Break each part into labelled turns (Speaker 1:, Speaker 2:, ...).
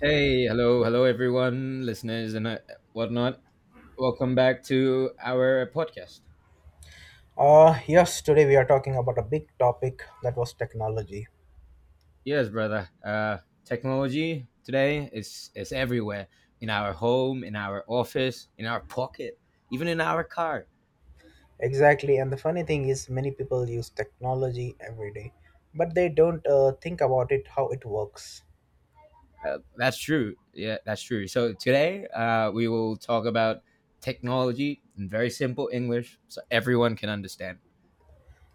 Speaker 1: Hey, hello, hello, everyone, listeners and whatnot. Welcome back to our podcast.
Speaker 2: Yes, today we are talking about a big topic that was technology.
Speaker 1: Yes, brother. Technology today is everywhere in our home, in our office, in our pocket, even in our car.
Speaker 2: Exactly, and the funny thing is, many people use technology every day, but they don't think about it how it works.
Speaker 1: That's true. Yeah, that's true. So today, we will talk about technology in very simple English, so everyone can understand.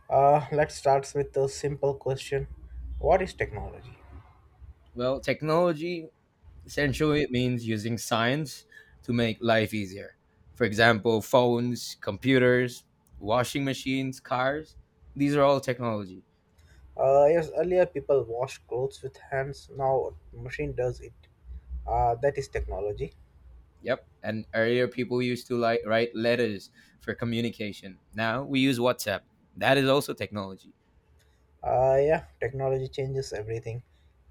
Speaker 2: Let's start with a simple question. What is technology?
Speaker 1: Well, technology. Essentially, it means using science to make life easier. For example, phones, computers, washing machines, cars, these are all technology.
Speaker 2: Yes, earlier people washed clothes with hands, now machine does it. That is technology.
Speaker 1: Yep. And earlier, people used to like write letters for communication. Now we use WhatsApp. That is also technology.
Speaker 2: Yeah, technology changes everything.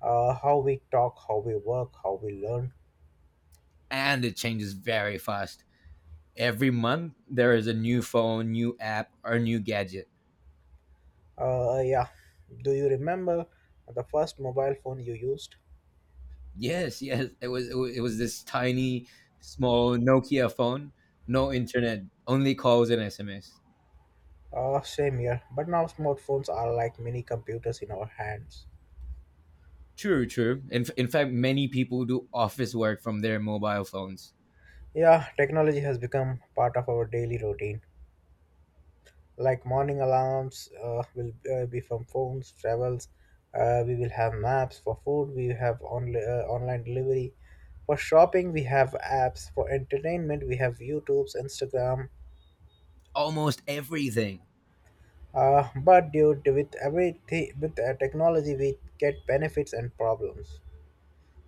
Speaker 2: How we talk, how we work, how we learn.
Speaker 1: And it changes very fast. Every month, there is a new phone, new app, or new gadget.
Speaker 2: Yeah. Do you remember the first mobile phone you used?
Speaker 1: Yes, yes. It was this tiny, small Nokia phone, no internet, only calls and SMS.
Speaker 2: Same here. But now smartphones are like mini computers in our hands.
Speaker 1: True, true. In fact, many people do office work from their mobile phones.
Speaker 2: Yeah, technology has become part of our daily routine. Like morning alarms will be from phones, travels. We will have maps for food. We have online delivery. For shopping, we have apps. For entertainment, we have YouTube's, Instagram.
Speaker 1: Almost everything.
Speaker 2: But dude, with everything, with technology, we get benefits and problems.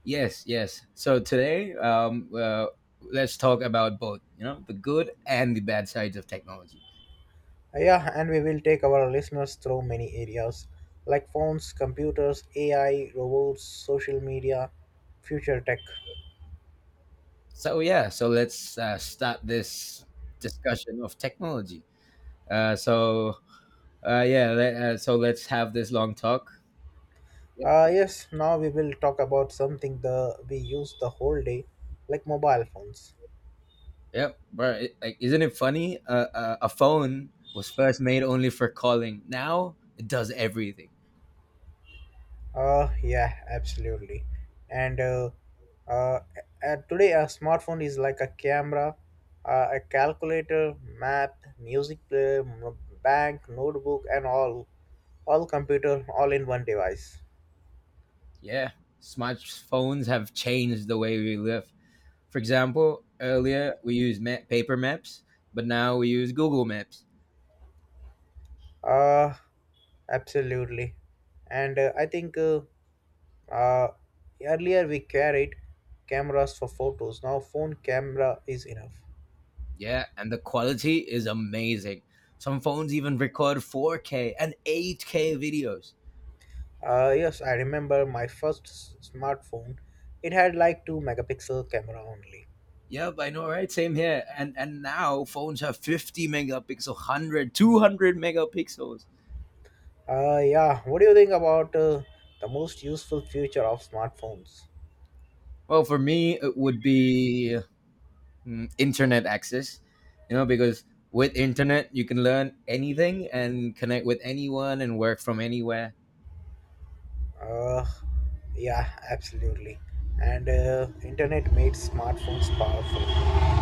Speaker 1: Yes, yes. So today, let's talk about both. You know, the good and the bad sides of technology.
Speaker 2: Yeah, and we will take our listeners through many areas like phones, computers, AI, robots, social media, future tech.
Speaker 1: So yeah, so let's start this discussion of technology. Uh, so so let's have this long talk. Yep.
Speaker 2: Yes, now we will talk about something the we use the whole day, like mobile phones.
Speaker 1: Yep, bro. It, like, isn't it funny? A phone was first made only for calling. Now it does everything.
Speaker 2: Yeah, absolutely. And uh, today, a smartphone is like a camera, a calculator, map, music player, bank, notebook, and all computer, all in one device.
Speaker 1: Yeah, smartphones have changed the way we live. For example, earlier we used paper maps, but now we use Google Maps.
Speaker 2: Uh, Absolutely. And I think uh, earlier we carried cameras for photos. Now phone camera is enough.
Speaker 1: Yeah, and the quality is amazing. Some phones even record 4K and 8K videos.
Speaker 2: Yes, I remember my first smartphone. It had like 2 megapixel camera only.
Speaker 1: Yep, I know, right? Same here. And now phones have 50 megapixel, 100, 200 megapixels.
Speaker 2: Yeah, what do you think about the most useful feature of smartphones?
Speaker 1: Well, for me, it would be internet access, because with internet, you can learn anything and connect with anyone and work from anywhere.
Speaker 2: Uh, yeah, absolutely. And internet made smartphones powerful.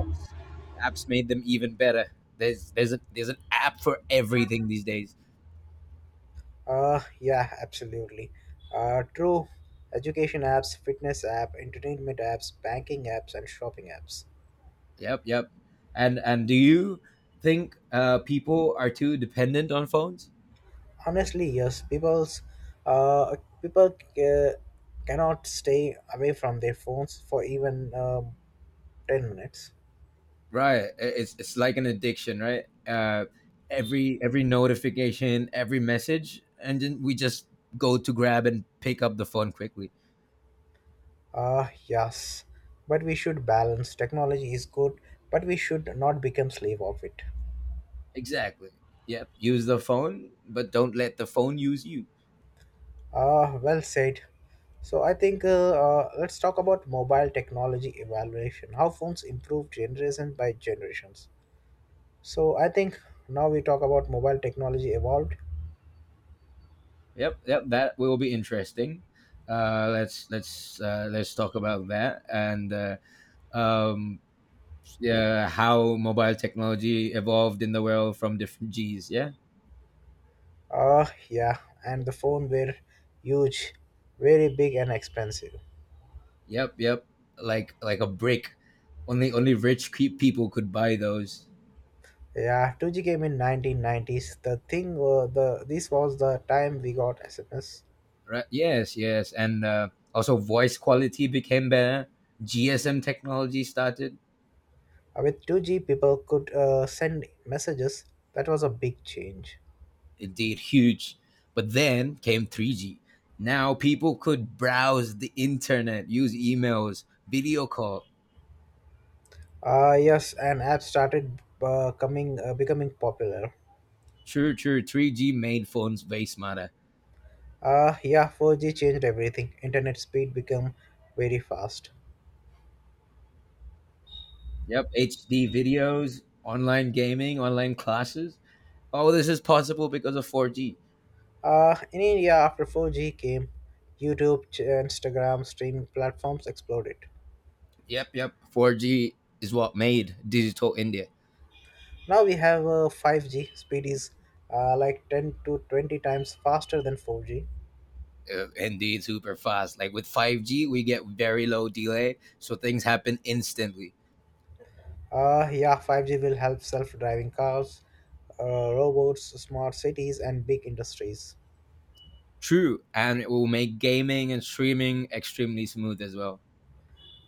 Speaker 1: Apps, apps made them even better. There's an app for everything these days.
Speaker 2: Yeah, absolutely. True. Education apps, fitness app, entertainment apps, banking apps, and shopping apps.
Speaker 1: Yep, yep. And do you think people are too dependent on phones?
Speaker 2: Honestly, yes, uh people uh, cannot stay away from their phones for even 10 minutes.
Speaker 1: Right. It's like an addiction, right? Every notification, every message, and then we just go to grab and pick up the phone quickly.
Speaker 2: Ah, yes, but we should balance. Technology is good, but we should not become slave of it.
Speaker 1: Exactly. Yep. Use the phone, but don't let the phone use you.
Speaker 2: Ah, well said. So I think let's talk about mobile technology evaluation, how phones improve generation by generations. So I think now we talk about mobile technology evolved.
Speaker 1: Yep. Yep. That will be interesting. Let's let's talk about that and um, yeah, how mobile technology evolved in the world from different G's. Yeah.
Speaker 2: Oh, yeah, and the phone were huge, very big, and expensive.
Speaker 1: Yep, yep. Like a brick. Only rich people could buy those.
Speaker 2: Yeah, 2G came in 1990s. The thing, the this was the time we got SMS.
Speaker 1: Right? Yes, yes. And also voice quality became better. GSM technology started.
Speaker 2: With 2G, people could send messages. That was a big change.
Speaker 1: It did huge. But then came 3G. Now people could browse the internet, use emails, video call.
Speaker 2: Yes, and apps started coming becoming popular.
Speaker 1: True, true. 3G made phones way smarter.
Speaker 2: Yeah, 4G changed everything. Internet speed became very fast.
Speaker 1: Yep, HD videos, online gaming, online classes. All this is possible because of 4G.
Speaker 2: In India, after 4G came, YouTube, Instagram streaming platforms exploded.
Speaker 1: Yep, yep. 4G is what made digital India.
Speaker 2: Now we have 5G. Speed is like 10 to 20 times faster than 4G.
Speaker 1: Indeed, super fast. Like with 5G, we get very low delay, so things happen instantly.
Speaker 2: Yeah, 5G will help self-driving cars, robots, smart cities, and big industries.
Speaker 1: True, and it will make gaming and streaming extremely smooth as well.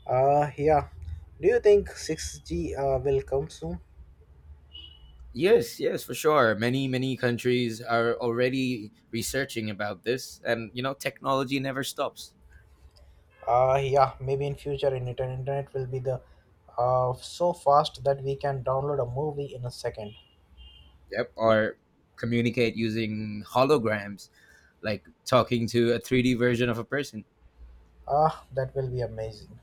Speaker 2: Yeah. Do you think 6G will come soon?
Speaker 1: Yes, yes, for sure. Many, many countries are already researching about this, and technology never stops.
Speaker 2: Yeah, maybe in future, in internet will be the so fast that we can download a movie in a second.
Speaker 1: Yep, or communicate using holograms, like talking to a 3D version of a person.
Speaker 2: Ah, that will be amazing.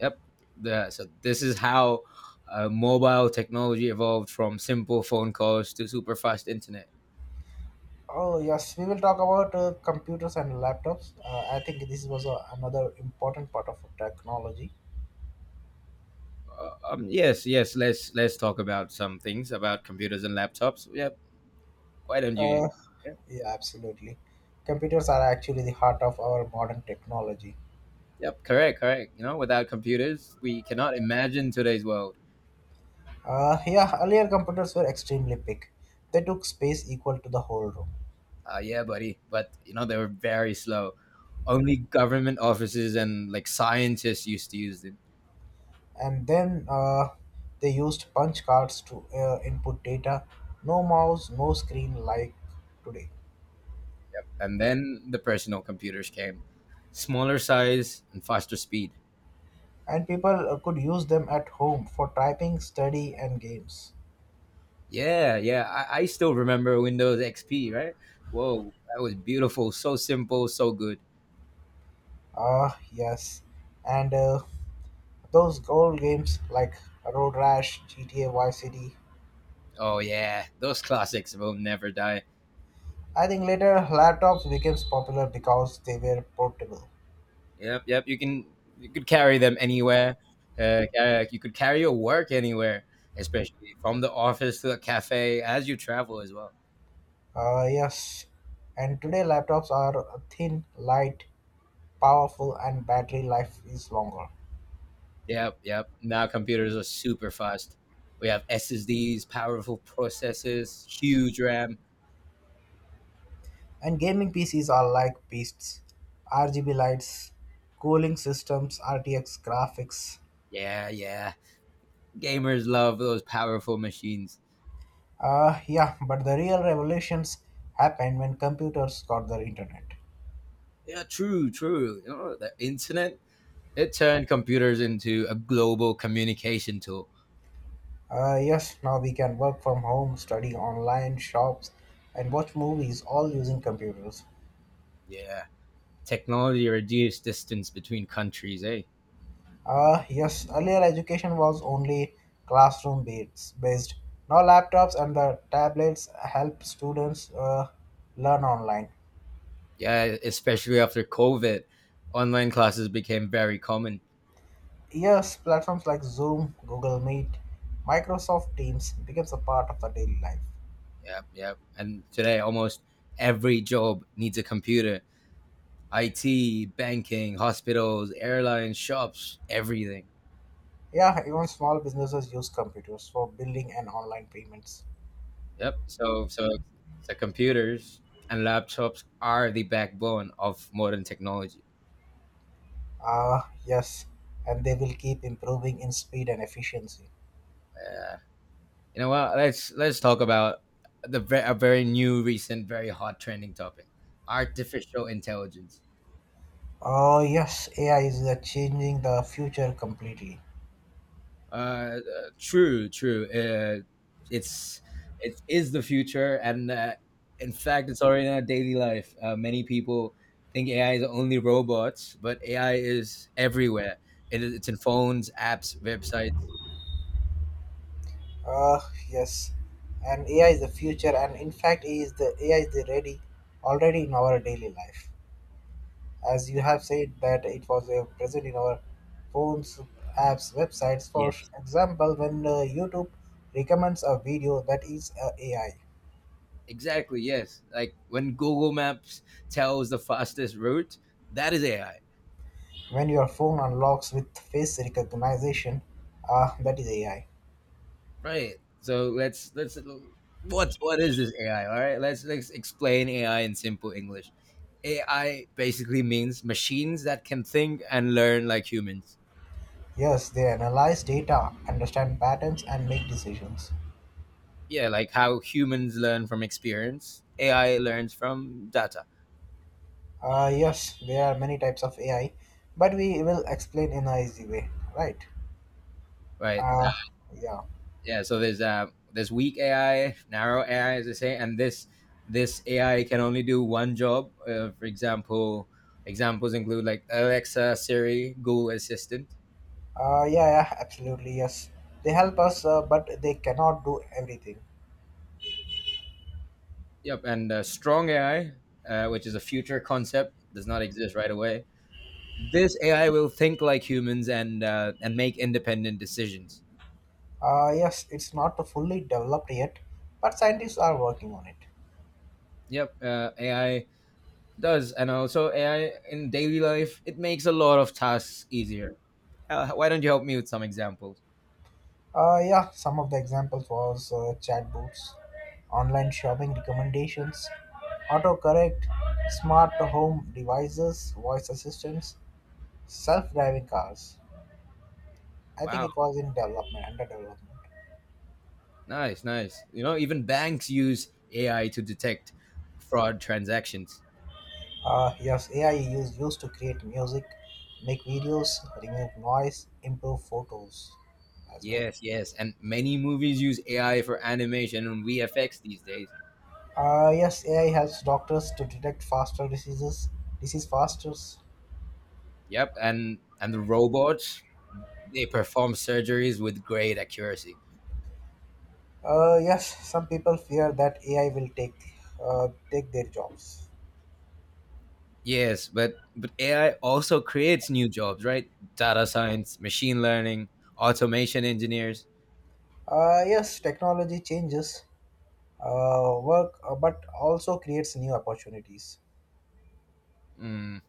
Speaker 1: Yep. So this is how mobile technology evolved from simple phone calls to super fast internet.
Speaker 2: Oh, yes, we will talk about computers and laptops. I think this was another important part of technology.
Speaker 1: Yes, yes. Let's talk about some things about computers and laptops. Yep. Why don't you?
Speaker 2: Uh,
Speaker 1: Yep.
Speaker 2: yeah, absolutely. Computers are actually the heart of our modern technology.
Speaker 1: Yep. Correct. Correct. You know, without computers, we cannot imagine today's world.
Speaker 2: Yeah, earlier computers were extremely big. They took space equal to the whole room.
Speaker 1: Yeah, buddy. But you know, they were very slow. Only government offices and like scientists used to use them.
Speaker 2: And then they used punch cards to input data. No mouse, no screen like today.
Speaker 1: And then the personal computers came, smaller size and faster speed.
Speaker 2: And people could use them at home for typing, study, and games.
Speaker 1: Yeah, yeah. I still remember Windows XP, right? Whoa, that was beautiful. So simple, so good.
Speaker 2: Ah, yes, and those old games like Road Rash, GTA Vice City.
Speaker 1: Oh yeah, those classics will never die.
Speaker 2: I think later laptops became popular because they were portable.
Speaker 1: Yep, yep. You could carry them anywhere. You could carry your work anywhere, especially from the office to the cafe as you travel as well.
Speaker 2: Ah, yes, and today laptops are thin, light, powerful, and battery life is longer.
Speaker 1: Yep, yep. Now computers are super fast. We have SSDs, powerful processors, huge RAM.
Speaker 2: And gaming PCs are like beasts. RGB lights, cooling systems, RTX graphics.
Speaker 1: Yeah, yeah. Gamers love those powerful machines.
Speaker 2: Yeah, but the real revolutions happened when computers got the internet.
Speaker 1: Yeah, true, true. You know, the internet, it turned computers into a global communication tool.
Speaker 2: Yes, now we can work from home, study online, shops, and watch movies all using computers.
Speaker 1: Yeah. Technology reduced distance between countries, eh?
Speaker 2: Yes, earlier education was only classroom based. Now laptops and the tablets help students learn online.
Speaker 1: Yeah, especially after COVID, online classes became very common.
Speaker 2: Yes, platforms like Zoom, Google Meet, Microsoft Teams becomes a part of the daily life.
Speaker 1: Yep, yep. And today, almost every job needs a computer. IT, banking, hospitals, airlines, shops, everything.
Speaker 2: Yeah, even small businesses use computers for billing and online payments.
Speaker 1: Yep. So computers and laptops are the backbone of modern technology.
Speaker 2: Yes, and they will keep improving in speed and efficiency.
Speaker 1: Yeah. You know what? Let's talk about a very new, recent, very hot trending topic: artificial intelligence.
Speaker 2: Oh, yes, AI is changing the future completely.
Speaker 1: Uh, uh, True, true. It's it is the future, and in fact, it's already in our daily life. Many people think AI is only robots, but AI is everywhere. It's in phones, apps, websites.
Speaker 2: Uh, yes, and AI is the future, and in fact, it is the AI is the ready already in our daily life. As you have said, that it was present in our phones, apps, websites. For
Speaker 1: Yes,
Speaker 2: example, when YouTube recommends a video, that is AI.
Speaker 1: exactly. Yes, like when Google Maps tells the fastest route, that is AI.
Speaker 2: When your phone unlocks with face recognition, ah, that is AI.
Speaker 1: Right. So let's what is this AI? All right. Let's explain AI in simple English. AI basically means machines that can think and learn like humans.
Speaker 2: Yes, they analyze data, understand patterns, and make decisions.
Speaker 1: Yeah, like how humans learn from experience. AI learns from data.
Speaker 2: Yes, there are many types of AI, but we will explain in a easy way, right?
Speaker 1: Right.
Speaker 2: Uh, yeah.
Speaker 1: Yeah. So there's weak AI, narrow AI, as they say, and this AI can only do one job. For example, examples include like Alexa, Siri, Google Assistant.
Speaker 2: Yeah, yeah, absolutely, yes. They help us, but they cannot do everything.
Speaker 1: Yep, and strong AI, which is a future concept, does not exist right away. This AI will think like humans and make independent decisions.
Speaker 2: Yes, it's not fully developed yet, but scientists are working on it.
Speaker 1: Yep, AI does, and also AI in daily life, it makes a lot of tasks easier. Why don't you help me with some examples?
Speaker 2: Yeah, some of the examples was chatbots, online shopping recommendations, autocorrect, smart home devices, voice assistants, self-driving cars. I think
Speaker 1: Wow,
Speaker 2: it was in development, under development.
Speaker 1: nice, nice. You know, even banks use AI to detect fraud transactions.
Speaker 2: Yes, AI is used to create music, make videos, remove noise, improve photos as well.
Speaker 1: Yes, yes, and many movies use AI for animation and VFX these days.
Speaker 2: Yes, AI helps doctors to detect faster diseases, disease faster.
Speaker 1: Yep, and the robots they perform surgeries with great accuracy.
Speaker 2: Yes, some people fear that AI will take their jobs.
Speaker 1: Yes, but AI also creates new jobs, right? Data science, machine learning, automation engineers.
Speaker 2: Yes, technology changes work, but also creates new opportunities.
Speaker 1: Mm.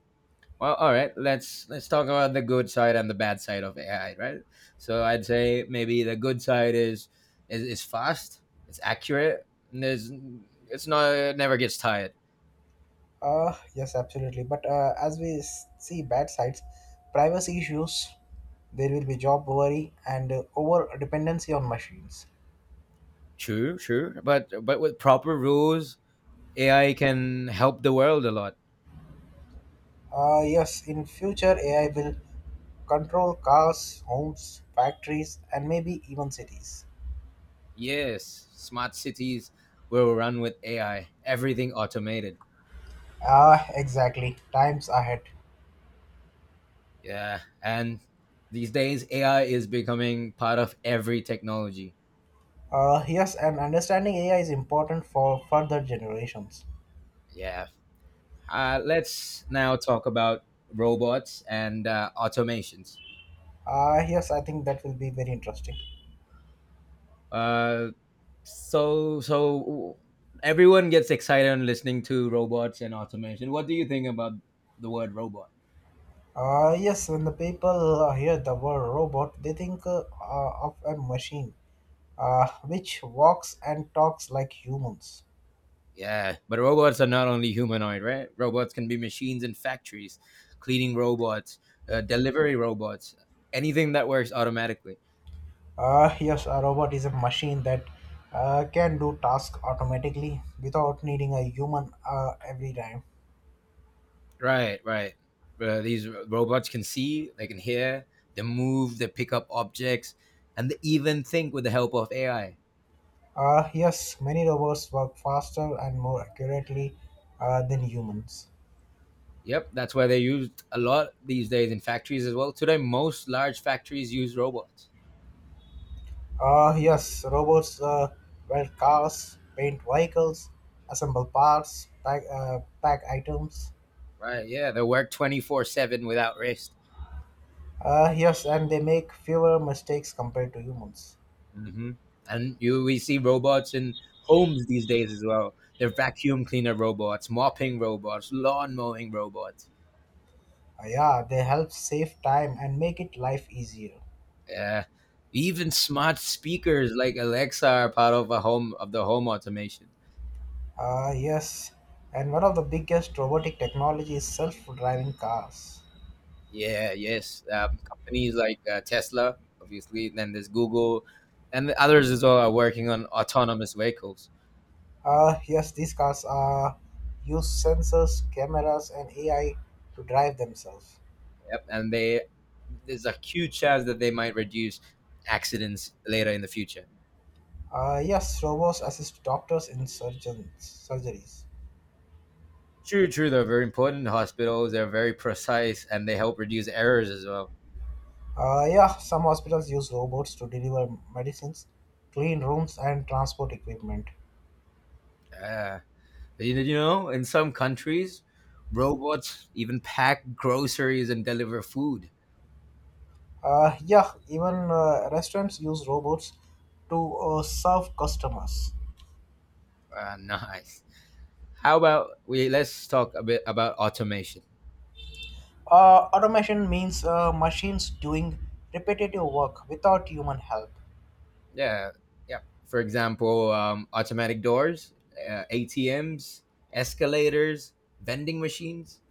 Speaker 1: Well, all right, let's talk about the good side and the bad side of AI, right? So I'd say maybe the good side is fast, it's accurate, and there's it's not it never gets tired.
Speaker 2: Yes, absolutely. But as we see bad sides, privacy issues, there will be job worry, and over dependency on machines.
Speaker 1: True, true, but with proper rules, AI can help the world a lot.
Speaker 2: Yes, in future AI will control cars, homes, factories, and maybe even cities.
Speaker 1: Yes, smart cities will run with AI, everything automated.
Speaker 2: Ah, exactly. Times ahead.
Speaker 1: Yeah, and these days AI is becoming part of every technology.
Speaker 2: Yes, and understanding AI is important for further generations.
Speaker 1: Yeah. Let's now talk about robots and automations.
Speaker 2: Yes, I think that will be very interesting.
Speaker 1: Uh, so everyone gets excited on listening to robots and automation. What do you think about the word robot?
Speaker 2: Yes, when the people hear the word robot, they think of a machine which walks and talks like humans.
Speaker 1: Yeah, but robots are not only humanoid, right? Robots can be machines in factories, cleaning robots, delivery robots, anything that works automatically.
Speaker 2: Yes, a robot is a machine that can do tasks automatically without needing a human every time.
Speaker 1: Right, right. These robots can see, they can hear, they move, they pick up objects, and they even think with the help of AI.
Speaker 2: Yes, many robots work faster and more accurately than humans.
Speaker 1: Yep, that's why they're used a lot these days in factories as well. Today, most large factories use robots.
Speaker 2: Yes, robots weld cars, paint vehicles, assemble parts, pack items.
Speaker 1: Right, yeah, they work 24/7 without rest.
Speaker 2: Yes, and they make fewer mistakes compared to humans.
Speaker 1: hmm And you we see robots in homes these days as well. They're vacuum cleaner robots, mopping robots, lawn mowing robots.
Speaker 2: Yeah, they help save time and make it life easier.
Speaker 1: Yeah. Even smart speakers like Alexa are part of a home of the home automation.
Speaker 2: Yes, and one of the biggest robotic technology is self-driving cars.
Speaker 1: Yeah, yes. Companies like Tesla, obviously, then there's Google, and the others as well are working on autonomous vehicles.
Speaker 2: Yes, these cars use sensors, cameras, and AI to drive themselves.
Speaker 1: Yep, and they there's a huge chance that they might reduce accidents later in the future.
Speaker 2: Yes, robots assist doctors in surgeons, surgeries.
Speaker 1: True, true. They're very important hospitals. They're very precise and they help reduce errors as well.
Speaker 2: Yeah, some hospitals use robots to deliver medicines, clean rooms, and transport equipment.
Speaker 1: Uh, in some countries, robots even pack groceries and deliver food.
Speaker 2: Yeah, even restaurants use robots to serve customers.
Speaker 1: Nice. How about we let's talk a bit about automation.
Speaker 2: Automation means machines doing repetitive work without human help.
Speaker 1: Yeah, yeah. For example, automatic doors, ATMs, escalators, vending machines.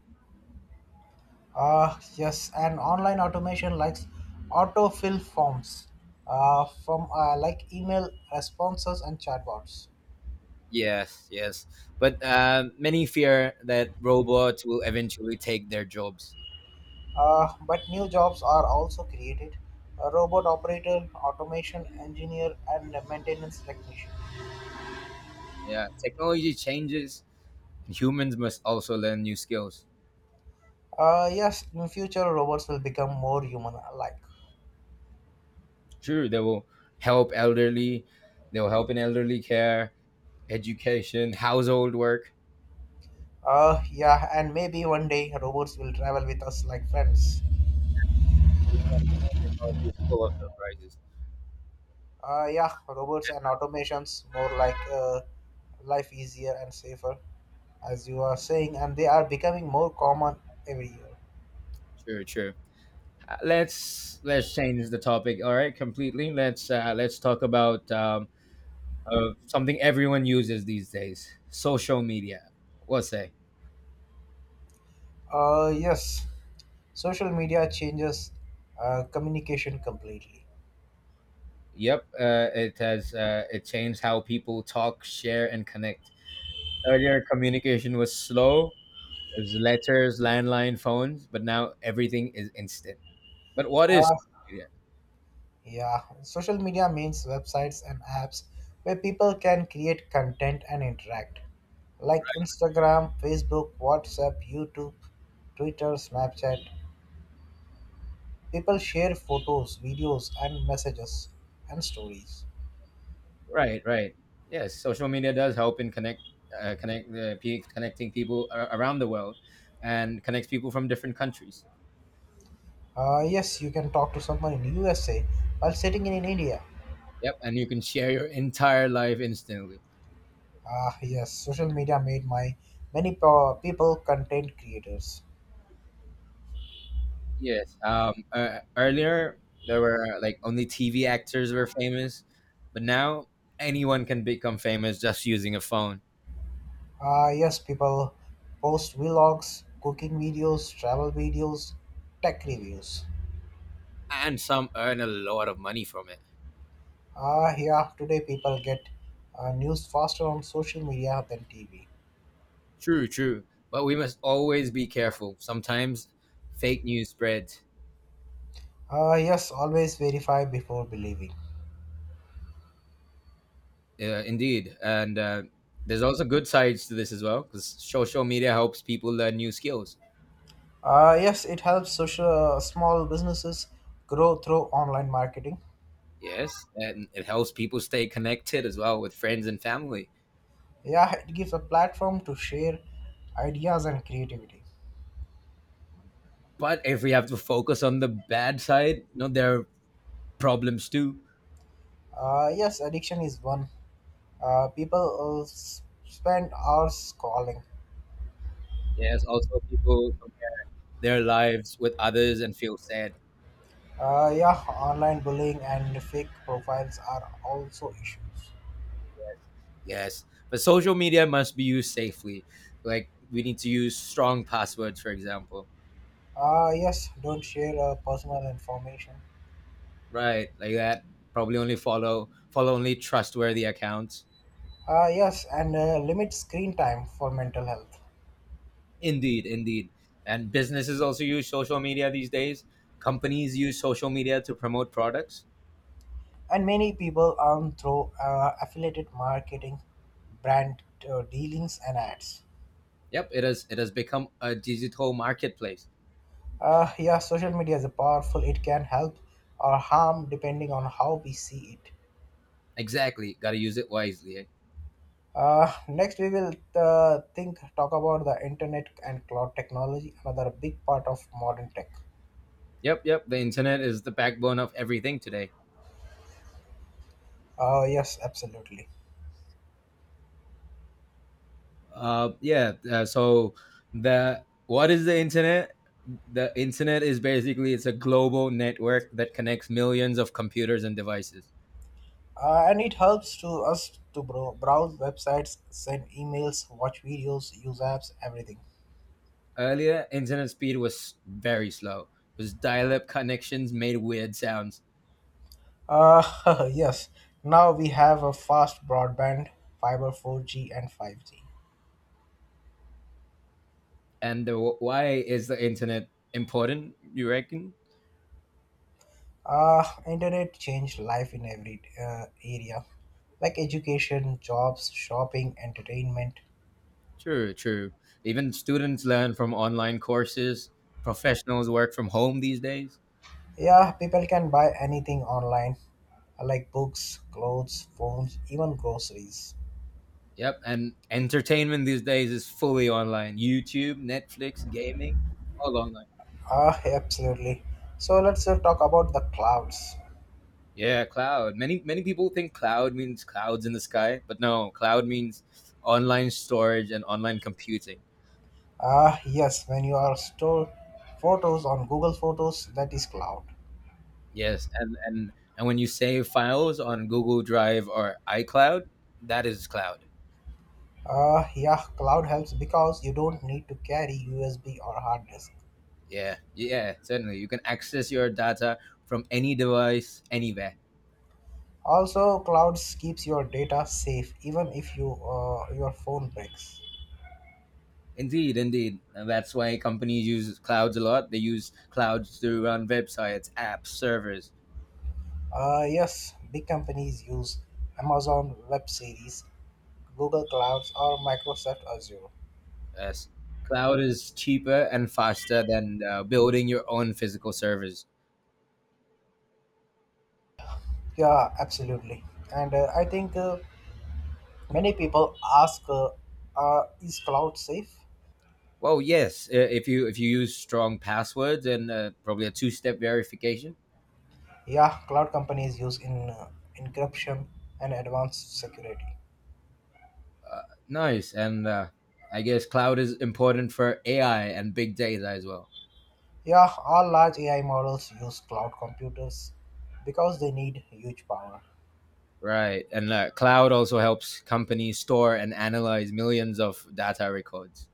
Speaker 2: Yes, and online automation likes autofill forms from like email responses and chatbots.
Speaker 1: Yes, yes. But many fear that robots will eventually take their jobs.
Speaker 2: But new jobs are also created: a robot operator, automation engineer, and a maintenance technician.
Speaker 1: Yeah, technology changes. Humans must also learn new skills.
Speaker 2: Yes, in future, robots will become more human like.
Speaker 1: Sure, they will help elderly. They will help in elderly care, education, household work.
Speaker 2: Yeah, and maybe one day robots will travel with us like friends.
Speaker 1: Technology is full of surprises.
Speaker 2: Yeah, robots and automations more like life easier and safer, as you are saying, and they are becoming more common every year.
Speaker 1: Sure, sure. Let's change the topic. All right, completely. Let's talk about something everyone uses these days: social media. What say?
Speaker 2: Yes, social media changes communication completely.
Speaker 1: Yep, it changed how people talk, share, and connect. Earlier, communication was slow. It was letters, landline phones, but now everything is instant. But what is
Speaker 2: Uh,
Speaker 1: social media?
Speaker 2: Yeah, social media means websites and apps where people can create content and interact, like Instagram, Facebook, WhatsApp, YouTube, Twitter, Snapchat. People share photos, videos, and messages and stories.
Speaker 1: Right, right. Yes, social media does help in connecting people around the world, and connects people from different countries.
Speaker 2: Yes, you can talk to someone in USA while sitting in India.
Speaker 1: Yep, and you can share your entire life instantly.
Speaker 2: Ah, yes, social media made my many people content creators.
Speaker 1: Yes. Earlier, there were like only TV actors were famous, but now anyone can become famous just using a phone,
Speaker 2: Yes, people post vlogs, cooking videos, travel videos, tech reviews.
Speaker 1: and some earn a lot of money from it.
Speaker 2: Ah, yeah, today people get news faster on social media than TV.
Speaker 1: True, true. But we must always be careful. Sometimes fake news spreads.
Speaker 2: Ah, yes, always verify before believing.
Speaker 1: Uh, indeed. And there's also good sides to this as well, because social media helps people learn new skills.
Speaker 2: Ah, yes, it helps social small businesses grow through online marketing.
Speaker 1: Yes, and it helps people stay connected as well with friends and family.
Speaker 2: Yeah, it gives a platform to share ideas and creativity.
Speaker 1: But if we have to focus on the bad side, there are problems too.
Speaker 2: Ah, yes, addiction is one. People spend hours scrolling.
Speaker 1: Yes, also people compare their lives with others and feel sad.
Speaker 2: Yeah, online bullying and fake profiles are also issues.
Speaker 1: Yes, but social media must be used safely. Like we need to use strong passwords, for example.
Speaker 2: Yes, don't share personal information.
Speaker 1: Right, like that. Probably only follow follow only trustworthy accounts.
Speaker 2: Yes, and limit screen time for mental health.
Speaker 1: Indeed, indeed. And businesses also use social media these days. Companies use social media to promote products.
Speaker 2: And many people earn through affiliated marketing, brand dealings, and ads.
Speaker 1: Yep, it has become a digital marketplace.
Speaker 2: Yeah, social media is a powerful. It can help or harm depending on how we see it.
Speaker 1: Exactly, got to use it wisely. Eh?
Speaker 2: Next, we will think talk about the internet and cloud technology, another big part of modern tech.
Speaker 1: Yep, yep. The internet is the backbone of everything today.
Speaker 2: Yes, absolutely.
Speaker 1: Yeah. So the what is the internet? The internet is basically it's a global network that connects millions of computers and devices.
Speaker 2: And it helps to us to browse websites, send emails, watch videos, use apps, everything.
Speaker 1: Earlier, internet speed was very slow. It was dial-up connections made weird sounds.
Speaker 2: Yes, now we have a fast broadband, fiber 4G and 5G.
Speaker 1: Why is the internet important? You reckon?
Speaker 2: Internet changed life in every area, like education, jobs, shopping, entertainment.
Speaker 1: True, true. Even students learn from online courses. Professionals work from home these days.
Speaker 2: Yeah, people can buy anything online, like books, clothes, phones, even groceries.
Speaker 1: Yep, and entertainment these days is fully online. YouTube, Netflix, gaming, all online.
Speaker 2: Ah, absolutely. So let's talk about the clouds.
Speaker 1: Yeah, cloud. Many people think cloud means clouds in the sky, but no, cloud means online storage and online computing.
Speaker 2: Ah, yes, when you are store photos on Google Photos, that is cloud.
Speaker 1: Yes, and when you save files on Google Drive or iCloud, that is cloud.
Speaker 2: Ah, yeah, cloud helps because you don't need to carry USB or hard disk.
Speaker 1: Yeah, yeah, certainly. You can access your data from any device anywhere.
Speaker 2: Also, clouds keeps your data safe even if your phone breaks.
Speaker 1: Indeed, indeed. And that's why companies use clouds a lot. They use clouds to run websites, apps, servers.
Speaker 2: Yes, big companies use Amazon Web Series, Google Clouds, or Microsoft Azure.
Speaker 1: Yes. Cloud is cheaper and faster than building your own physical servers.
Speaker 2: Yeah, absolutely. And I think many people ask, is cloud safe?
Speaker 1: Well, yes, if you use strong passwords and probably a two-step verification.
Speaker 2: Yeah, cloud companies use in encryption and advanced security.
Speaker 1: Uh, Nice. And I guess cloud is important for AI and big data as well.
Speaker 2: Yeah, all large AI models use cloud computers because they need huge power.
Speaker 1: Right. And cloud also helps companies store and analyze millions of data records.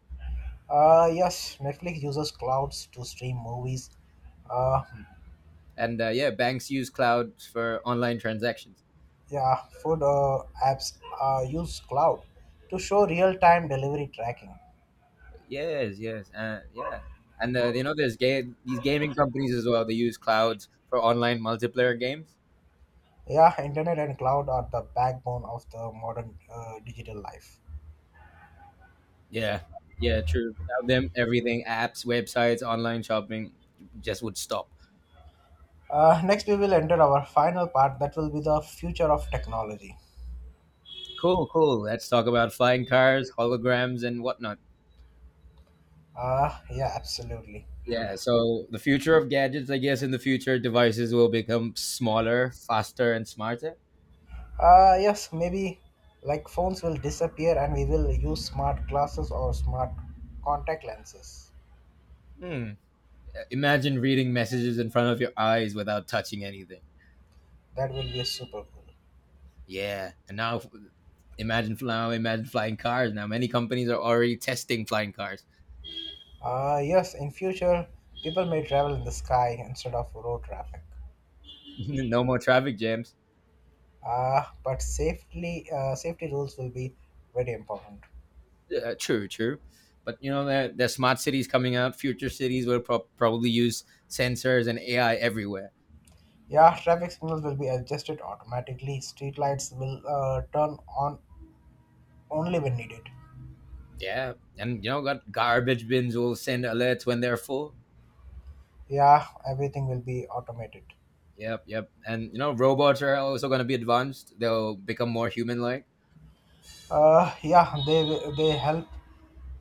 Speaker 2: Yes, Netflix uses clouds to stream movies. Uh,
Speaker 1: And yeah, banks use cloud for online transactions.
Speaker 2: yeah, food apps use cloud to show real-time delivery tracking.
Speaker 1: Yes, yes, yeah. And there's game these gaming companies as well. They use clouds for online multiplayer games.
Speaker 2: Yeah, internet and cloud are the backbone of the modern digital life.
Speaker 1: Yeah, yeah, true. Without them, everything, apps, websites, online shopping, just would stop.
Speaker 2: Next, we will enter our final part that will be the future of technology.
Speaker 1: Cool, cool. Let's talk about flying cars, holograms, and whatnot.
Speaker 2: Yeah, absolutely.
Speaker 1: Yeah, so the future of gadgets, I guess, in the future, devices will become smaller, faster, and smarter.
Speaker 2: Yes, maybe like phones will disappear and we will use smart glasses or smart contact lenses.
Speaker 1: Hmm. Imagine reading messages in front of your eyes without touching anything.
Speaker 2: That will be super cool.
Speaker 1: Yeah, and now imagine flying cars. Now many companies are already testing flying cars.
Speaker 2: Yes, in future, people may travel in the sky instead of road traffic.
Speaker 1: No more traffic jams.
Speaker 2: But safety rules will be very important.
Speaker 1: True, true. But you know there's smart cities coming out. Future cities will probably use sensors and AI everywhere.
Speaker 2: Yeah, traffic signals will be adjusted automatically. Street lights will turn on only when needed.
Speaker 1: Yeah, and you know got garbage bins will send alerts when they're full.
Speaker 2: Yeah, everything will be automated.
Speaker 1: Yep, yep. And you know robots are also going to be advanced. They'll become more human like.
Speaker 2: Yeah, they help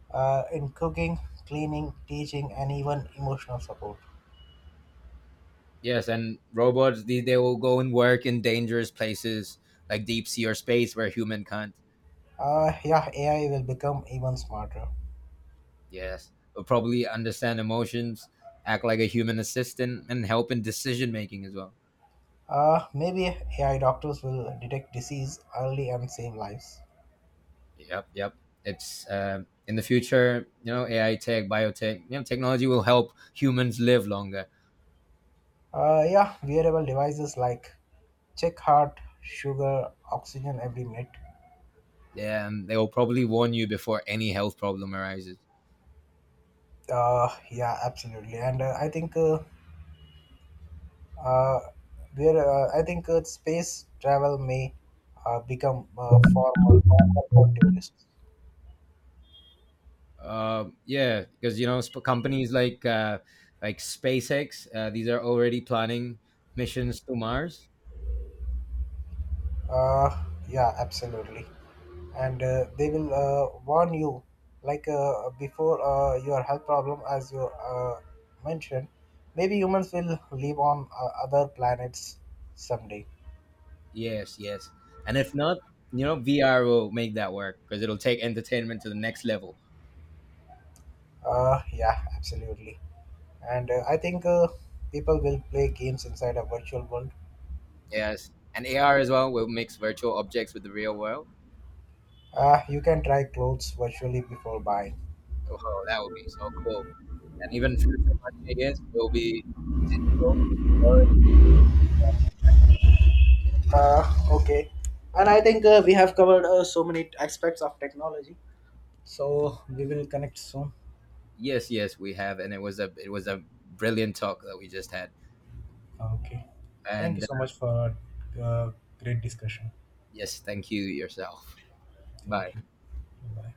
Speaker 2: in cooking, cleaning, teaching, and even emotional support.
Speaker 1: Yes, and robots they will go and work in dangerous places like deep sea or space where human can't.
Speaker 2: Yeah, AI will become even smarter.
Speaker 1: Yes, will probably understand emotions, act like a human assistant, and help in decision making as well.
Speaker 2: Maybe AI doctors will detect disease early and save lives.
Speaker 1: Yep, yep. It's in the future, you know, AI tech, biotech, you know, technology will help humans live longer.
Speaker 2: Yeah, wearable devices like check heart, sugar, oxygen every minute.
Speaker 1: Yeah, and they will probably warn you before any health problem arises.
Speaker 2: Yeah, absolutely. And I think uh, space travel may become far more popular for tourists.
Speaker 1: Yeah, because you know companies like SpaceX, these are already planning missions to Mars.
Speaker 2: Yeah, absolutely. And they will warn you, like, before your health problem, as you mentioned, maybe humans will live on other planets someday.
Speaker 1: Yes, yes, and if not, you know VR will make that work because it'll take entertainment to the next level.
Speaker 2: Yeah, absolutely. And I think people will play games inside a virtual world.
Speaker 1: Yes, and AR as well will mix virtual objects with the real world.
Speaker 2: You can try clothes virtually before buying.
Speaker 1: Oh, that would be so cool! And even future money, I guess, will be digital. Sorry.
Speaker 2: Okay. And I think we have covered so many aspects of technology. So we will connect soon.
Speaker 1: Yes, yes, we have, and it was a brilliant talk that we just had.
Speaker 2: Ah, okay. Thank you
Speaker 1: And
Speaker 2: so much for a great discussion.
Speaker 1: yes, thank you yourself.
Speaker 2: Thank
Speaker 1: Bye.
Speaker 2: you. Bye.